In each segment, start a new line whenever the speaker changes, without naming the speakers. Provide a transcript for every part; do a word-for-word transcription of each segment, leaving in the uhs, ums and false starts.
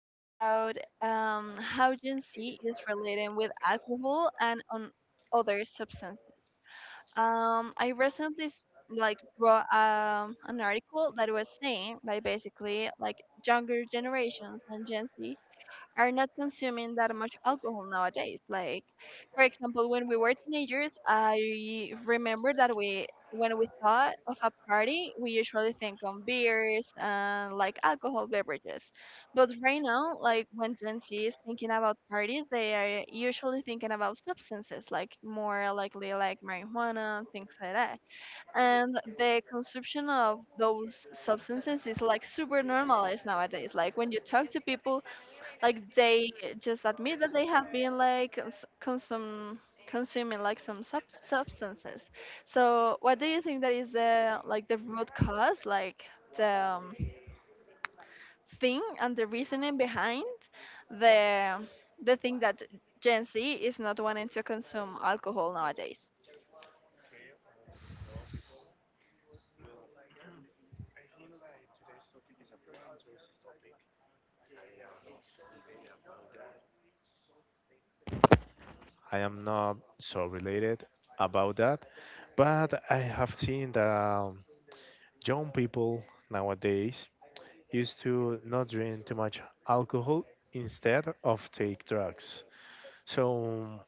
about um, how Gen Z is relating with alcohol and on other substances. Um, I recently s- like wrote um, an article that was saying like basically like younger generations and Gen Z are not consuming that much alcohol nowadays. Like, for example, when we were teenagers, I remember that we, when we thought of a party, we usually think on beers and like alcohol beverages. But right now, like when Gen Z is thinking about parties, they are usually thinking about substances, like more likely like marijuana, and things like that. And the consumption of those substances is like super normalized nowadays. Like when you talk to people like they just admit that they have been like cons- consum consuming like some sub substances. So what do you think that is the like the root cause, like the um, thing and the reasoning behind the the thing that Gen Z is not wanting to consume alcohol nowadays?
I am not so related about that, but I have seen that um, young people nowadays used to not drink too much alcohol instead of take drugs. So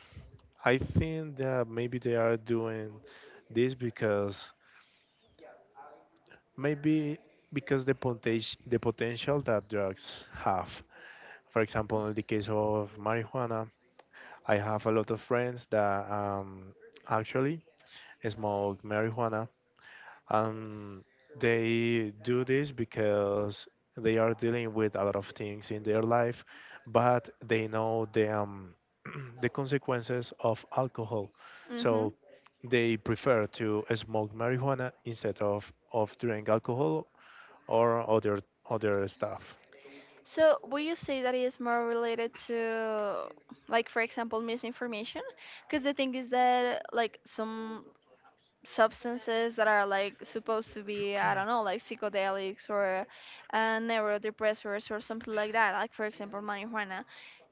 I think that maybe they are doing this because maybe because the potential the potential that drugs have. For example, in the case of marijuana, I have a lot of friends that um, actually smoke marijuana. Um, they do this because they are dealing with a lot of things in their life, but they know the um, the consequences of alcohol,
Mm-hmm.
so they prefer to smoke marijuana instead of of drink alcohol or other other stuff.
So, would you say that is more related to, like, for example, misinformation? Because the thing is that, like, some substances that are like supposed to be I don't know like psychedelics or uh, neurodepressors or so, something like that like for example marijuana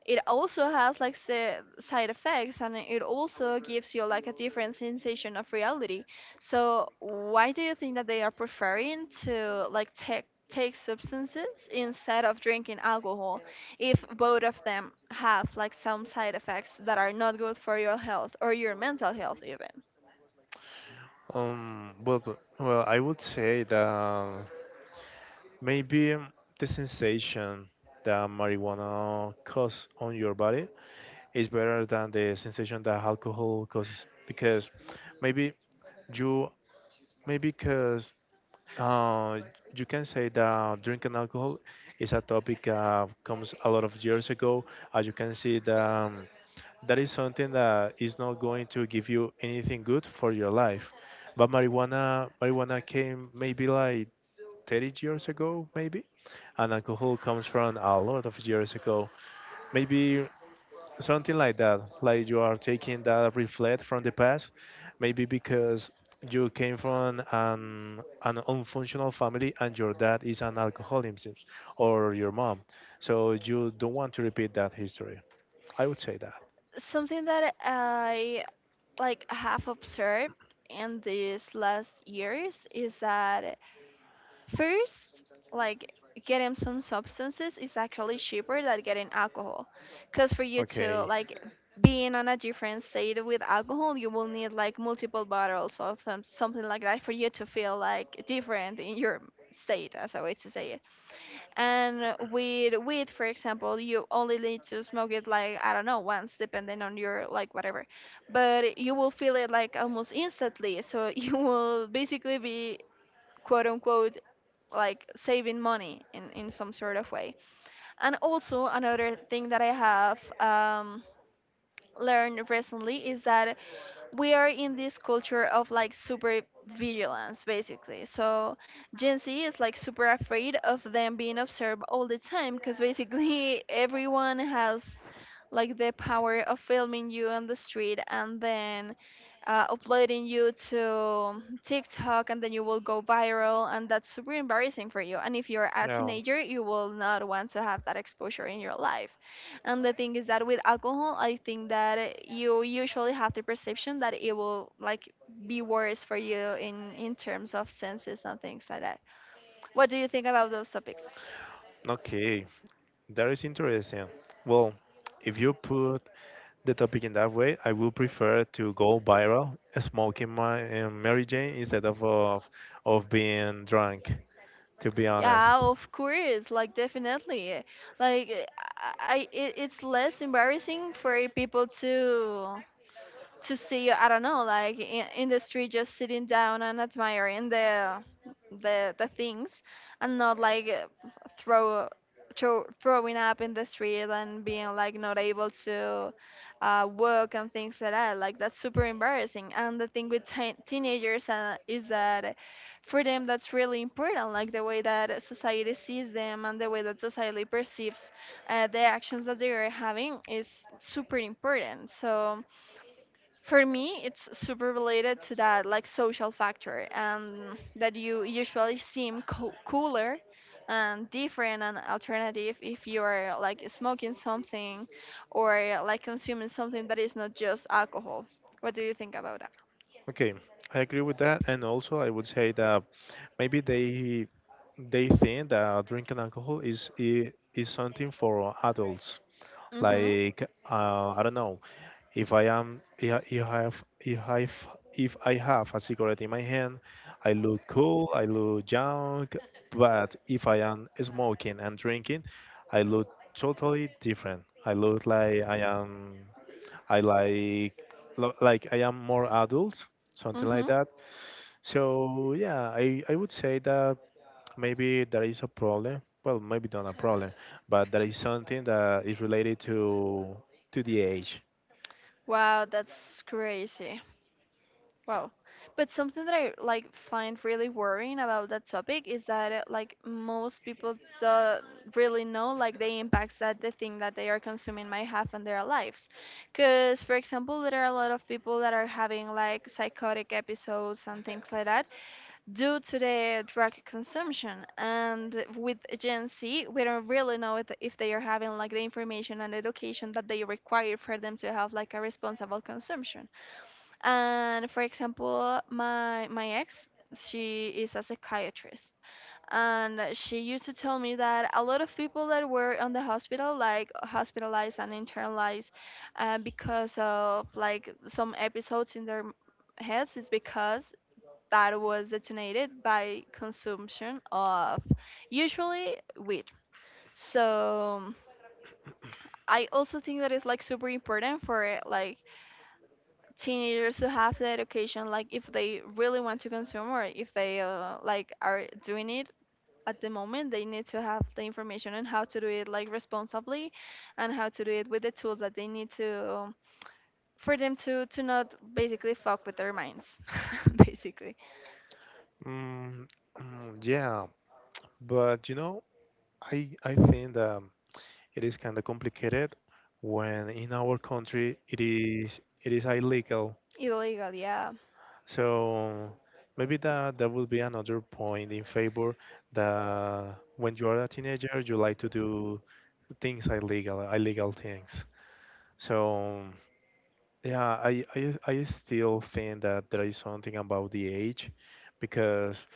it also has like si- side effects and it also gives you like a different sensation of reality. So why do you think that they are preferring to like take take substances instead of drinking alcohol if both of them have like some side effects that are not good for your health or your mental health even?
Um, well, b- well, I would say that maybe the sensation that marijuana causes on your body is better than the sensation that alcohol causes because maybe you maybe because uh, you can say that drinking alcohol is a topic uh, comes a lot of years ago, as you can see that um, that is something that is not going to give you anything good for your life. But marijuana marijuana came maybe like thirty years ago maybe, and alcohol comes from a lot of years ago, maybe something like that, like you are taking that reflect from the past maybe because you came from an, an unfunctional family and your dad is an alcoholic or your mom, so you don't want to repeat that history, I would say that.
Something that I like have observed in these last years is that first, like getting some substances is actually cheaper than getting alcohol. Cause for you to
Okay,
like being on a different state with alcohol, you will need like multiple bottles of some, something like that for you to feel like different in your state, as a way to say it. And with weed, for example, you only need to smoke it like I don't know once, depending on your like whatever. But you will feel it like almost instantly, so you will basically be quote unquote like saving money in in some sort of way. And also another thing that I have um, learned recently is that we are in this culture of like super vigilance basically. So Gen Z is like super afraid of them being observed all the time because basically everyone has like the power of filming you on the street and then uh, uploading you to TikTok and then you will go viral and that's super embarrassing for you. And if you're a
yeah.
teenager, you will not want to have that exposure in your life. And the thing is that with alcohol, I think that eh, you usually have the perception that it will like be worse for you in in terms of senses and things like that. What do you think about those topics?
Okay, that is interesting. Well, if you put the topic in that way, I will prefer to go viral smoking my um, Mary Jane instead of, of of being drunk. To be
Yeah,
honest,
of course, like definitely, like I, I it, it's less embarrassing for people to to see I don't know like in, in the street just sitting down and admiring the the the things and not like uh, throw throw throwing up in the street and being like not able to uh, work and things like that. Like that's super embarrassing and the thing with teen teenagers uh, is that for them that's really important, like the way that society sees them and the way that society perceives uh, the actions that they are having is super important. So for me, it's super related to that like social factor, and that you usually seem co- cooler and different and alternative if you're like smoking something or like consuming something that is not just alcohol. What do you think about that?
okay, I agree with that, and also I would say that maybe they they think that drinking alcohol is i- is something for adults.
Mhm.
Like uh, I don't know, If I am, if if I have, if I f- if I have a cigarette in my hand, I look cool, I look young. But if I am smoking and drinking, I look totally different. I look like I am, I like, lo- like I am more adult, something like
Mhm.
that. So yeah, I I would say that maybe there is a problem. Well, maybe not a problem, but there is something that is related to to the age.
Wow, that's crazy. Wow. But something that I like find really worrying about that topic is that uh, like most people don't really know like the impacts that the thing that they are consuming might have on their lives. Cuz for example, there are a lot of people that are having like psychotic episodes and things like that due to the drug consumption. And with Gen Z, we don't really know if if they are having like the information and education that they require for them to have like a responsible consumption. And for example my my ex she is a psychiatrist and she used to tell me that a lot of people that were on the hospital like hospitalized and internalized uh, because of like some episodes in their m- heads is because that was detonated by consumption of usually weed. So I also think that it's like super important for like teenagers to have the education like if they really want to consume or if they uh, like are doing it at the moment they need to have the information on how to do it like responsibly and how to do it with the tools that they need to for them to to not basically fuck with their minds basically.
Mm, mm, yeah, but you know, I I think that it is kind of complicated when in our country it is it is illegal.
Illegal, yeah.
So maybe that that would be another point in favor, that when you are a teenager you like to do things illegal, illegal things. So yeah, I I I still think that there is something about the age because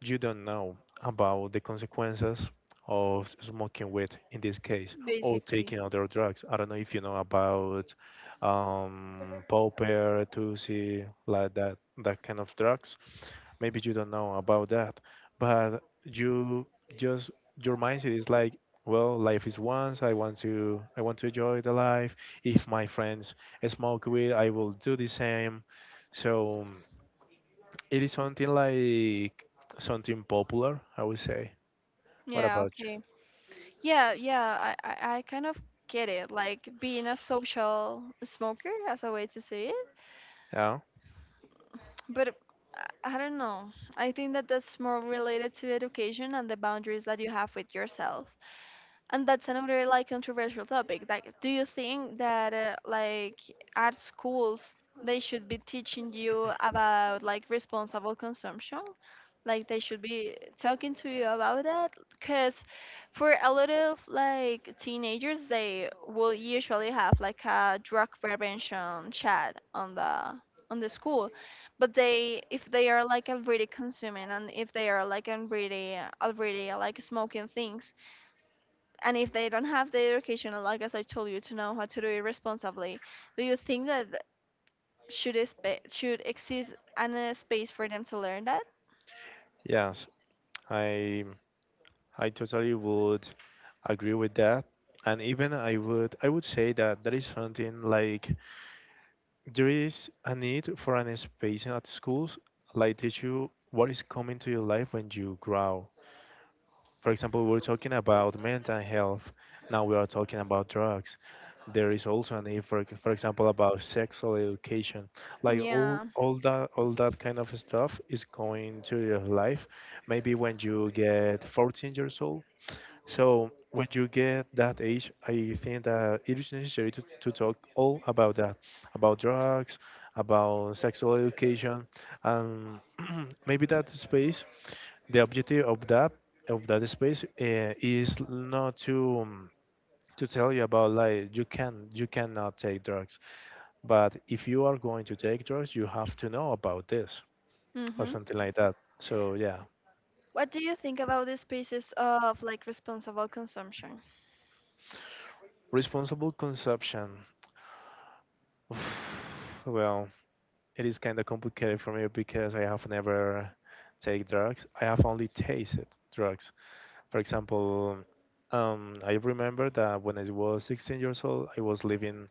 you don't know about the consequences of smoking weed in this case or
Basically.
taking other drugs. I don't know if you know about um, popper, tusi, like that, that kind of drugs. Maybe you don't know about that, but you just your mindset is like, well, life is once. I want to I want to enjoy the life. If my friends smoke weed, I will do the same. So. It is something like something popular, I would say. What
Yeah,
about you?
okay. Yeah, yeah, I, I, I kind of get it. Like being a social smoker as a way to say it.
Yeah.
But I I don't know. I think that that's more related to education and the boundaries that you have with yourself. And that's another like controversial topic. Like, do you think that uh, like at schools they should be teaching you about like responsible consumption? Like they should be talking to you about that? Because for a lot of like teenagers, they will usually have like a drug prevention chat on the on the school but they if they are like already consuming and if they are like already already like smoking things and if they don't have the education, like as I told you, to know how to do it responsibly, do you think that th- should expe- should exist an uh, space for them to learn that?
Yes, I I totally would agree with that. And even I would I would say that there is something like there is a need for an space at schools like teach you what is coming to your life when you grow. For example, we are talking about mental health. Now we are talking about drugs. There is also a need for, for example, about sexual education. Like all,
Yeah.
all that, all that kind of stuff is going to your life. Maybe when you get fourteen years old, so when you get that age, I think that it is necessary to, to talk all about that, about drugs, about sexual education, and maybe that space. The objective of that of that space uh, is not to um, to tell you about like you can you cannot take drugs, but if you are going to take drugs, you have to know about this or
Mhm.
something like that. So yeah,
What do you think about the spaces of like responsible consumption?
responsible consumption. Well, it is kind of complicated for me because I have never take drugs. I have only tasted drugs. For example, um, I remember that when I was sixteen years old, I was living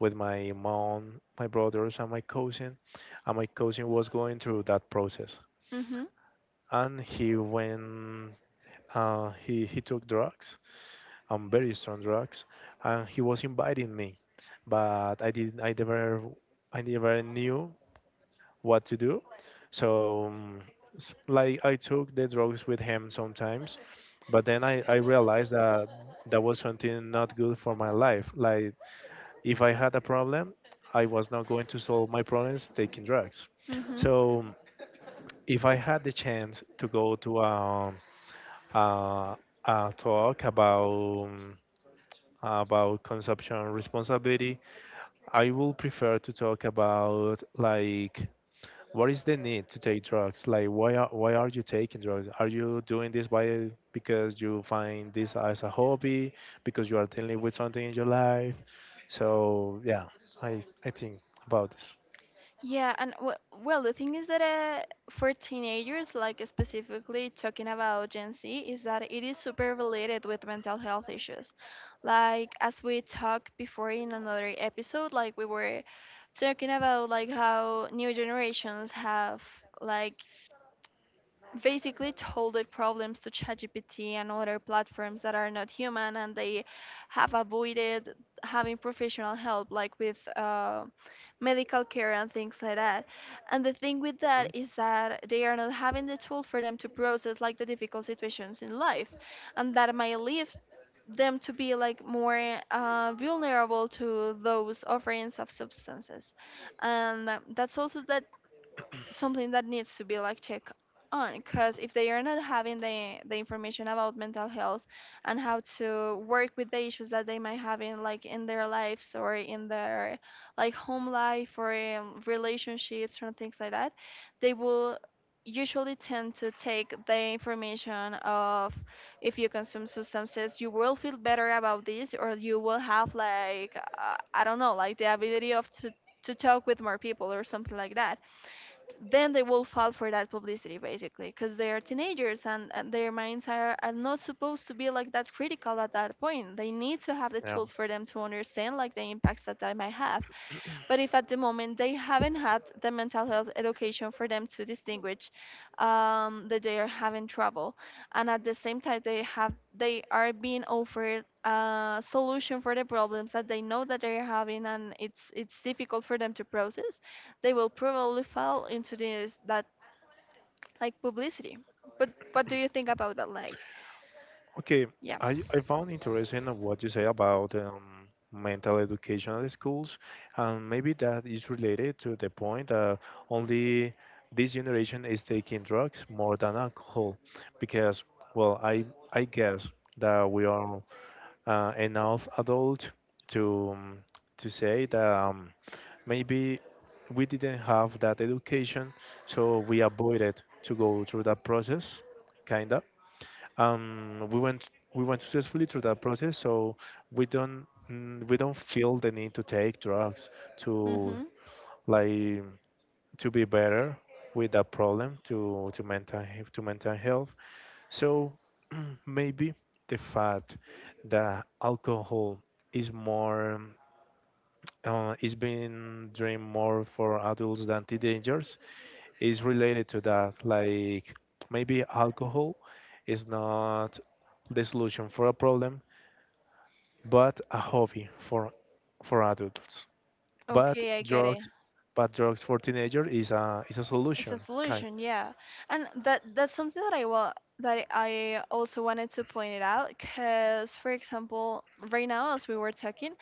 with my mom, my brothers, and my cousin, and my cousin was going through that process.
Mhm.
And he went, uh, he he took drugs, um, very strong drugs, and he was inviting me, but I didn't, I never, I never knew what to do. So, um, s- like, I took the drugs with him sometimes, but then I, I realized that that was something not good for my life. Like, if I had a problem, I was not going to solve my problems taking drugs.
Mhm.
So, if I had the chance to go to a, a, a talk about about consumption responsibility, I will prefer to talk about like what is the need to take drugs? Like, why are, why are you taking drugs? Are you doing this by because you find this as a hobby, because you are dealing with something in your life? So yeah, I I think about this.
Yeah, and w well, the thing is that uh, for teenagers, like specifically talking about Gen Z, is that it is super related with mental health issues. Like as we talked before in another episode, like we were talking about like how new generations have like basically told their problems to ChatGPT and other platforms that are not human, and they have avoided having professional help, like with uh, medical care and things like that. And the thing with that is that they are not having the tool for them to process like the difficult situations in life, and that might lead them to be like more uh, vulnerable to those offerings of substances. And that's also that something that needs to be like checked on because if they are not having the, the information about mental health and how to work with the issues that they might have in like in their lives or in their like home life or in relationships or things like that they will usually tend to take the information of if you consume substances you will feel better about this or you will have like uh, I don't know like the ability of to to talk with more people or something like that. Then they will fall for that publicity basically because they are teenagers and, and their minds are, are not supposed to be like that critical at that point they
Mhm.
need to have the
Yeah.
tools for them to understand like the impacts that that might have. But if at the moment they haven't had the mental health education for them to distinguish um, that they are having trouble, and at the same time they have they are being offered a solution for the problems that they know that they are having, and it's it's difficult for them to process, they will probably fall into this that like publicity. But what do you think about that? Like,
Okay,
yeah.
I, I found interesting of what you say about um, mental education at schools, and maybe that is related to the point that only this generation is taking drugs more than alcohol, because well, I I guess that we are uh, enough adult to um, to say that um, maybe we didn't have that education, so we avoided to go through that process, kind um, we went we went successfully through that process, so we don't mm, we don't feel the need to take drugs to
Mhm.
like to be better with that problem to to mental he- to mental health. So maybe the fact that alcohol is more uh, is being drained more for adults than teenagers is related to that. Like maybe alcohol is not the solution for a problem, but a hobby for for adults. But
Okay, I get it.
drugs, but drugs for teenager is a is a
It's a
solution kind.
solution, yeah. And that that's something that I wa- that I also wanted to point it out because, for example, right now as we were talking,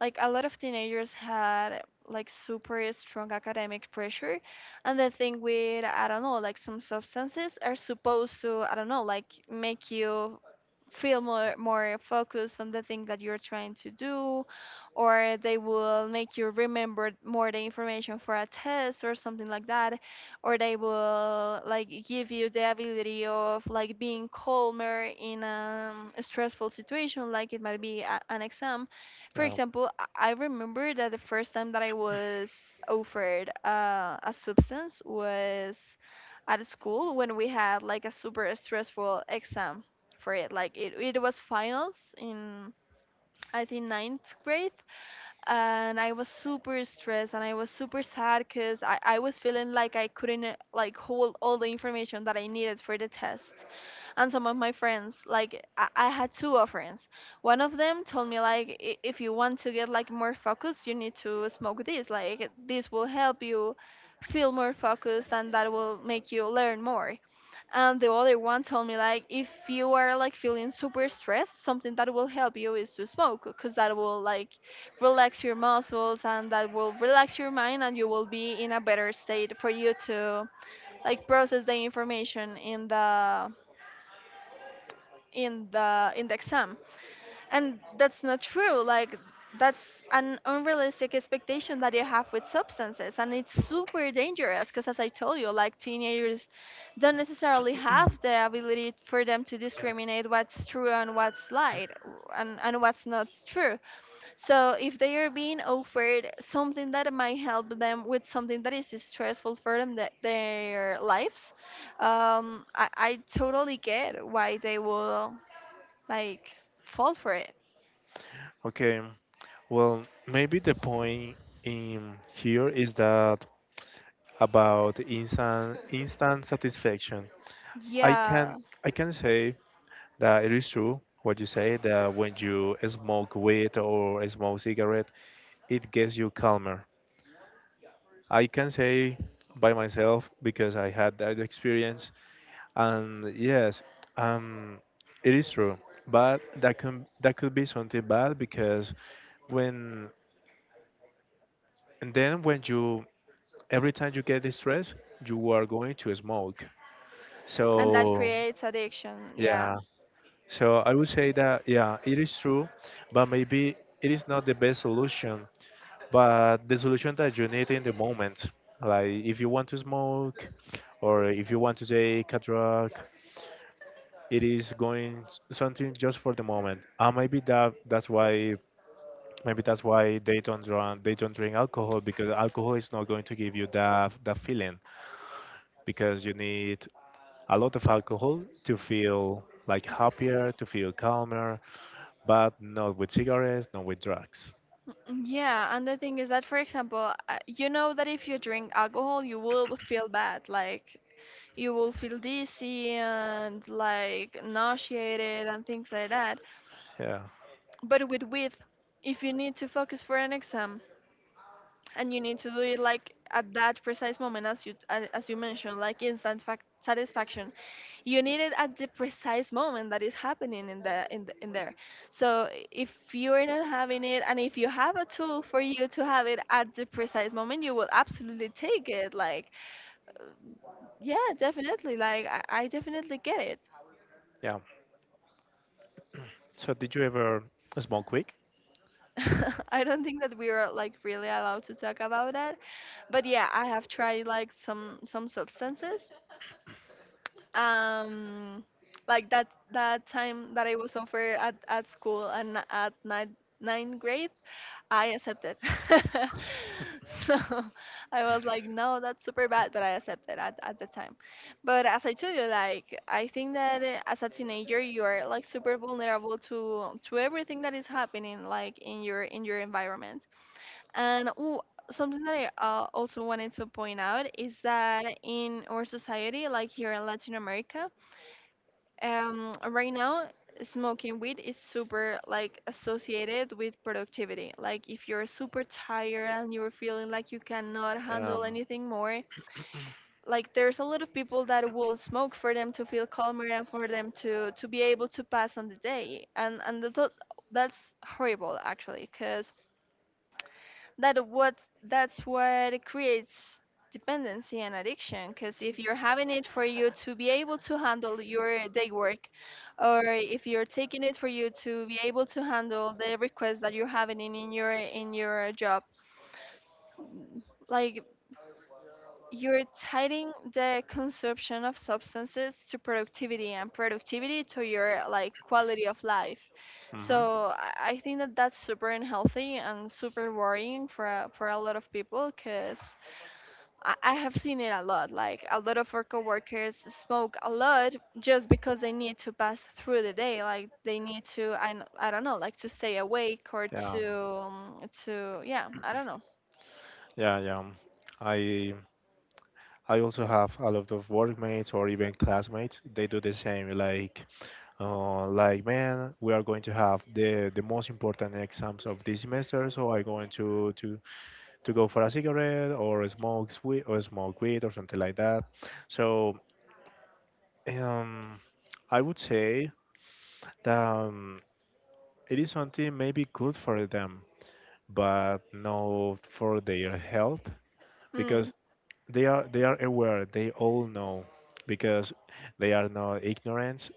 like a lot of teenagers had like super strong academic pressure, and the thing with, I don't know, like some substances are supposed to, I don't know, like make you feel more more focused on the thing that you're trying to do, or they will make you remember more the information for a test or something like that, or they will like give you the ability of like being calmer in um, a stressful situation like it might be a- an exam. for
Yeah.
example i I remember that the first time that I was offered uh, a substance was at school when we had like a super stressful exam for it. Like it, it was finals in, I think, ninth grade, and I was super stressed and I was super sad because I, I was feeling like I couldn't, uh, like, hold all the information that I needed for the test. And some of my friends, like I, I had two of friends, one of them told me like, "I- if you want to get like more focused, you need to smoke this, like this will help you feel more focused and that will make you learn more." And the other one told me like, "If you are like feeling super stressed, something that will help you is to smoke, because that will like relax your muscles and that will relax your mind, and you will be in a better state for you to like process the information in the in the in the exam." And that's not true. Like, that's an unrealistic expectation that you have with substances, and it's super dangerous because, as I told you, like teenagers don't necessarily have the ability for them to discriminate what's true and what's lied, and, and what's not true. So if they are being offered something that might help them with something that is stressful for them, that their lives, um, I, I totally get why they will like fall for it.
Okay. Well, maybe the point in here is that about instant instant satisfaction. I can
Yeah,
I can say that it is true what you say that when you smoke weed or smoke cigarette, it gets you calmer. I can say by myself because I had that experience, and yes, um, it is true. But that can that could be something bad because when and then when you every time you get distressed, you are going to smoke.
and that
So
creates addiction. Yeah.
yeah, so I would say that yeah, it is true, but maybe it is not the best solution but the solution that you need in the moment, like if you want to smoke or if you want to take a drug, it is going s- something just for the moment, and maybe that that's why maybe that's why they don't run they don't drink alcohol because alcohol is not going to give you that that feeling because you need a lot of alcohol to feel like happier, to feel calmer, but not with cigarettes, not with drugs.
Mm, yeah, and the thing is that, for example, uh, you know that if you drink alcohol, you will feel bad. Like, you will feel dizzy and like nauseated and things like that.
Yeah,
But with weed, if you need to focus for an exam, and you need to do it like at that precise moment, as you a- as you mentioned, like instant fac- satisfaction, you need it at the precise moment that is happening in the in, the, in there. So if you're not having it, and if you have a tool for you to have it at the precise moment, you will absolutely take it. Like, yeah, definitely. Like i, I definitely get it.
yeah, so did you ever smoke weed?
I don't think that we are like really allowed to talk about that, but yeah, I have tried like some some substances, um, like that. That time that I was over at, at school and at ninth, ninth grade, I accepted. So I was like, no, that's super bad, but I accepted at, at the time. But as I told you, like I think that, uh, as a teenager you are like super vulnerable to to everything that is happening, like in your in your environment. And ooh, something that I, uh, also wanted to point out is that in our society, like here in Latin America, um, right now, smoking weed is super like associated with productivity. Like if you're super tired and you're feeling like you cannot handle
Um,
anything more, like there's a lot of people that will smoke for them to feel calmer and for them to to be able to pass on the day. And and the, thought- that's horrible actually, because that what that's what creates dependency and addiction, because if you're having it for you to be able to handle your day work, or if you're taking it for you to be able to handle the requests that you're having in, in your in your job, like, you're tying the consumption of substances to productivity, and productivity to your like quality of life.
mhm.
So i I think that that's super unhealthy and super worrying for a- for a lot of people, because I I have seen it a lot. Like a lot of our coworkers smoke a lot just because they need to pass through the day. Like they need to, I, n- I don't know, like to stay awake, or
Yeah,
to, um, to, yeah, I don't know.
yeah, yeah, I I also have a lot of workmates or even classmates. They do the same. Like, uh, like man, we are going to have the the most important exams of this semester, so I'm going to to to go for a cigarette or smoke weed or smoke weed or something like that. So, um, I would say that um, it is something maybe good for them, but not for their health
Mm.
because they are they are aware. They all know because they are not ignorant.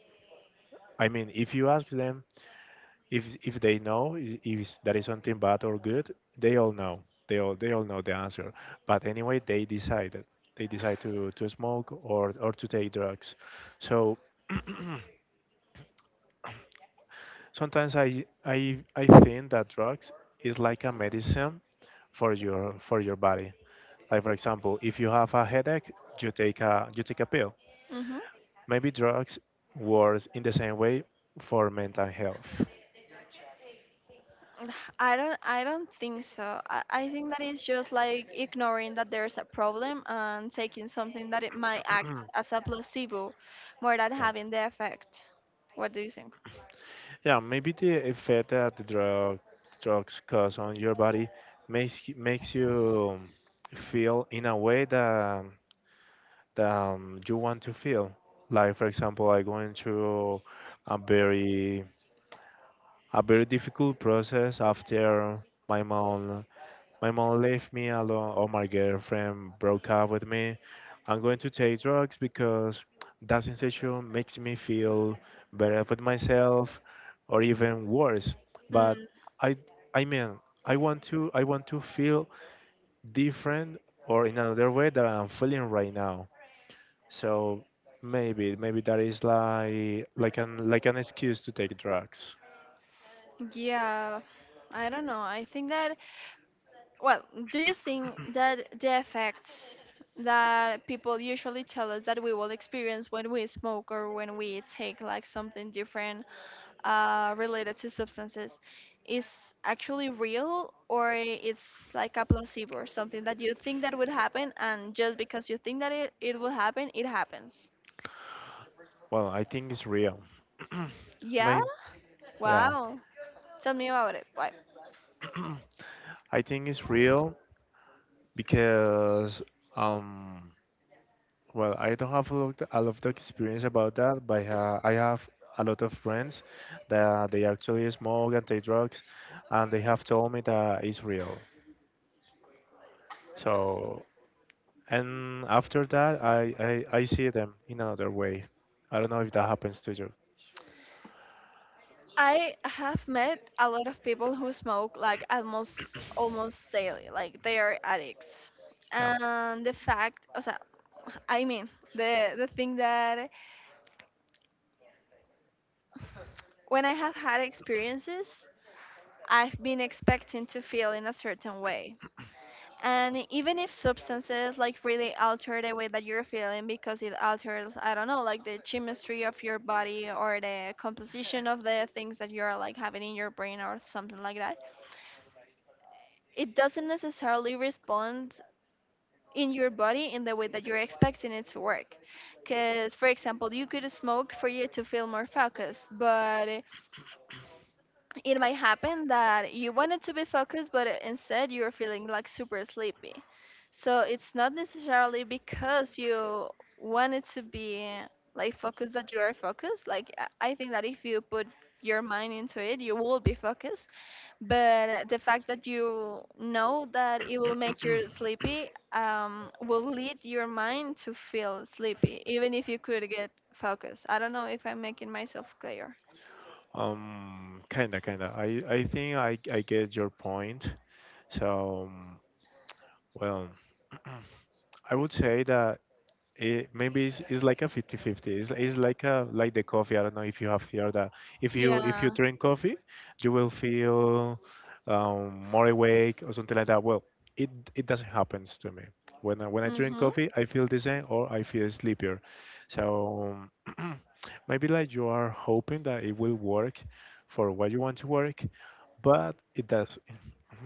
I mean, if you ask them if if they know i- if that is something bad or good, they all know. They all they all know the answer. But anyway, they decided. They decide to, to smoke or, or to take drugs. So sometimes I I I think that drugs is like a medicine for your for your body. Like for example, if you have a headache, you take a you take a pill.
Mm-hmm.
Maybe drugs works in the same way for mental health.
I don't, I don't think so. I, I think that it's just like ignoring that there's a problem and taking something that it might act as a placebo, more than having the effect. What do you think?
Yeah, maybe the effect that the drug drugs cause on your body makes you- makes you feel in a way that that um, you want to feel. Like for example, I going through a very a very difficult process after my mom my mom left me alone or my girlfriend broke up with me. I'm going to take drugs because that sensation makes me feel better with myself or even worse. But
Mm,
I I mean I want to I want to feel different or in another way that I'm feeling right now. So maybe maybe that is like like an like an excuse to take drugs.
yeah, I don't know. I think that, well, do you think that the effects that people usually tell us that we will experience when we smoke or when we take like something different, uh, related to substances, is actually real, or it's like a placebo or something that you think that would happen, and just because you think that it, it will happen, it happens?
Well, I think it's real.
Yeah?
May yeah.
Wow. Tell me about it. Why?
I think it's real because um well I don't have a lot, a lot of experience about that, but uh, I have a lot of friends that they actually smoke and take drugs, and they have told me that it's real. So and after that, I I, I see them in another way. I don't know if that happens to you.
I have met a lot of people who smoke like almost almost daily, like they are addicts.
Yeah.
And the fact, o sea, I mean, the the thing that when I have had experiences, I've been expecting to feel in a certain way. And even if substances like really alter the way that you're feeling, because it alters, I don't know, like the chemistry of your body or the composition of the things that you're like having in your brain or something like that, it doesn't necessarily respond in your body in the way that you're expecting it to work. Because, for example, you could smoke for you to feel more focused, but it might happen that you wanted to be focused, but instead you're feeling like super sleepy. So it's not necessarily because you wanted to be like focused that you are focused. Like I I think that if you put your mind into it, you will be focused, but the fact that you know that it will make you sleepy, um, will lead your mind to feel sleepy, even if you could get focused. I don't know if I'm making myself clear.
Um, kinda, kinda. I I think I I get your point. So, um, well, I would say that it maybe it's, it's like a fifty fifty. It's, it's like a like the coffee. I don't know if you have heard that. If you if you
Yeah.
drink coffee, you will feel um, more awake or something like that. Well, it it doesn't happen to me. When I, when I drink
Mm-hmm.
coffee, I feel the same or I feel sleepier. So um, maybe like you are hoping that it will work for what you want to work, but it does.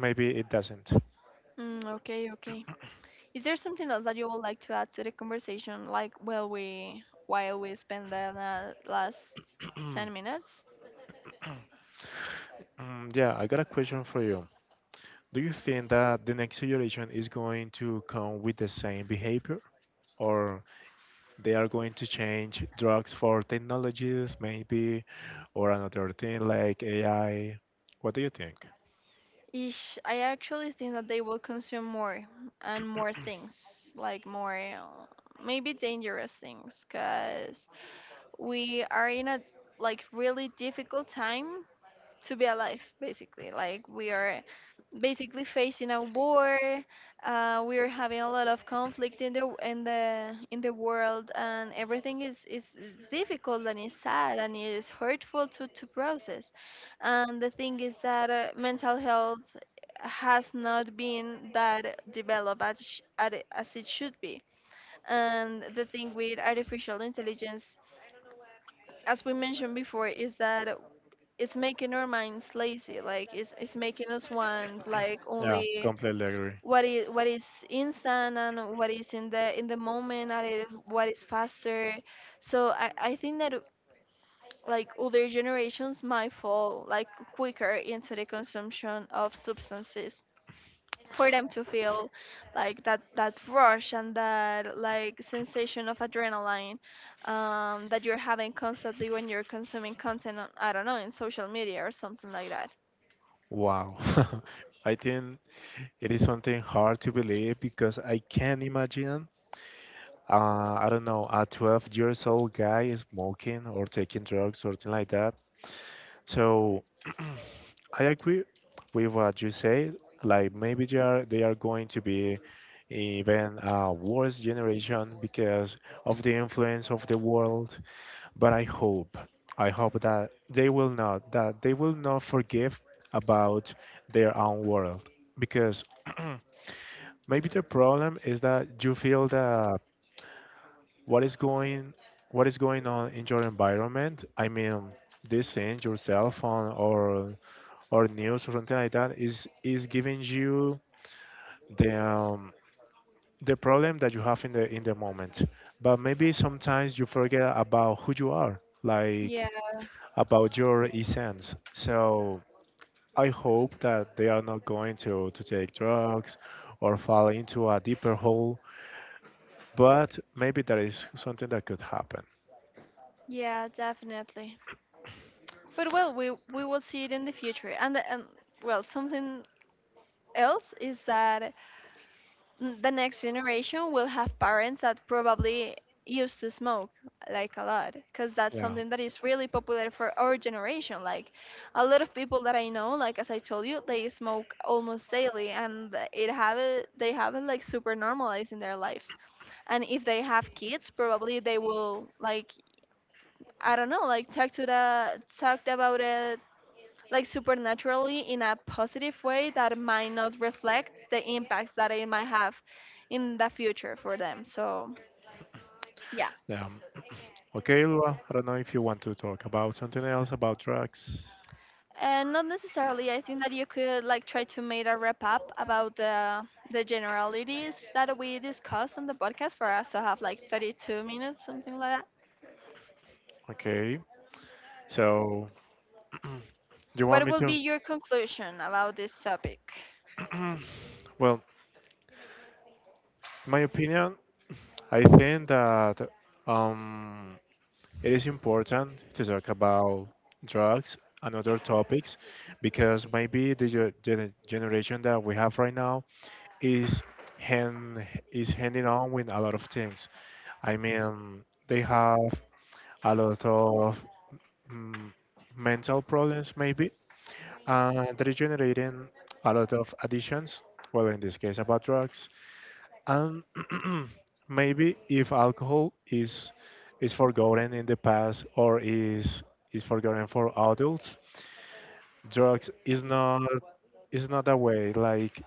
Maybe it doesn't.
Mm, okay, okay. Is there something else that you would like to add to the conversation, like while we while we spend the la- last ten minutes?
Mm, yeah, I got a question for you. Do you think that the next generation is going to come with the same behavior, or they are going to change drugs for technologies, maybe, or another thing like A I? What do you think?
Ish, I actually think that they will consume more and more things, like more, uh, maybe dangerous things, because we are in a like really difficult time to be alive. Basically, like, we are basically facing a war. Uh, we are having a lot of conflict in the in the in the world, and everything is is, is difficult, and is sad, and is hurtful to, to process. And the thing is that, uh, mental health has not been that developed as, sh- at it- as it should be. And the thing with artificial intelligence, as we mentioned before, is that it's making our minds lazy. Like it's, it's making us want like
Yeah,
only
completely agree.
what is what is instant, and what is in the in the moment, and it, what is faster. So I, I think that like older generations might fall like quicker into the consumption of substances for them to feel like that that rush, and that like sensation of adrenaline, um, that you're having constantly when you're consuming content on, I don't know, in social media or something like that.
Wow. I think it is something hard to believe because I can't imagine uh, I don't know, a twelve years old guy smoking or taking drugs, something like that. So I agree with what you say. Like maybe they are they are going to be even a worse generation because of the influence of the world. But I hope, I hope that they will not that they will not forgive about their own world because maybe the problem is that you feel that what is going what is going on in your environment. I mean, this thing, your cell phone or or news or something like that is is giving you the um, the problem that you have in the in the moment. But maybe sometimes you forget about who you are, like
Yeah,
about your essence. So I hope that they are not going to to take drugs or fall into a deeper hole, but maybe that is something that could happen.
yeah, definitely. But, well, we we will see it in the future. And the, and well, something else is that, n- the next generation will have parents that probably used to smoke like a lot, because that's
Yeah.
something that is really popular for our generation. Like a lot of people that I know, like as I told you, they smoke almost daily, and it have it they have it like super normalized in their lives. And if they have kids, probably they will like, I don't know, like talk to the talked about it like supernaturally in a positive way that might not reflect the impacts that it might have in the future for them. So, yeah.
Yeah. Okay, Lua, I don't know if you want to talk about something else about drugs.
And not necessarily. I think that you could like try to make a wrap up about the the generalities that we discussed on the podcast for us to have like thirty two minutes, something like
Okay. So, do you
that.
want
What
me
would be your conclusion about this topic?
to? Well, my opinion, I think that um it is important to talk about drugs and other topics because maybe the ge- gen- generation that we have right now is hand is handing on with a lot of things. I mean, they have a lot of mm, mental problems maybe, and they're generating a lot of additions. Well, in this case, about drugs. And maybe if alcohol is is forgotten in the past or is is forgotten for adults, drugs is not is not a way. Like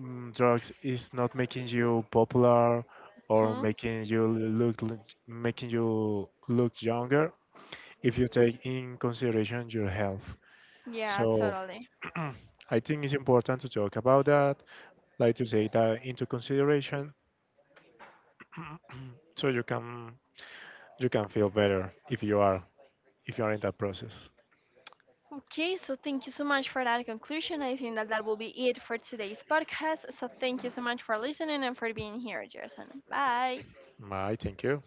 mm, drugs is not making you popular or
Hmm?
making you look l- making you look younger if you take in consideration your health.
Yeah,
So
totally.
I think it's important to talk about that, like to take that into consideration. So you can you can feel better if you are if you are in that process.
Okay, so thank you so much for that conclusion. I think that that will be it for today's podcast. So thank you so much for listening and for being here, Jason. Bye.
My, thank you.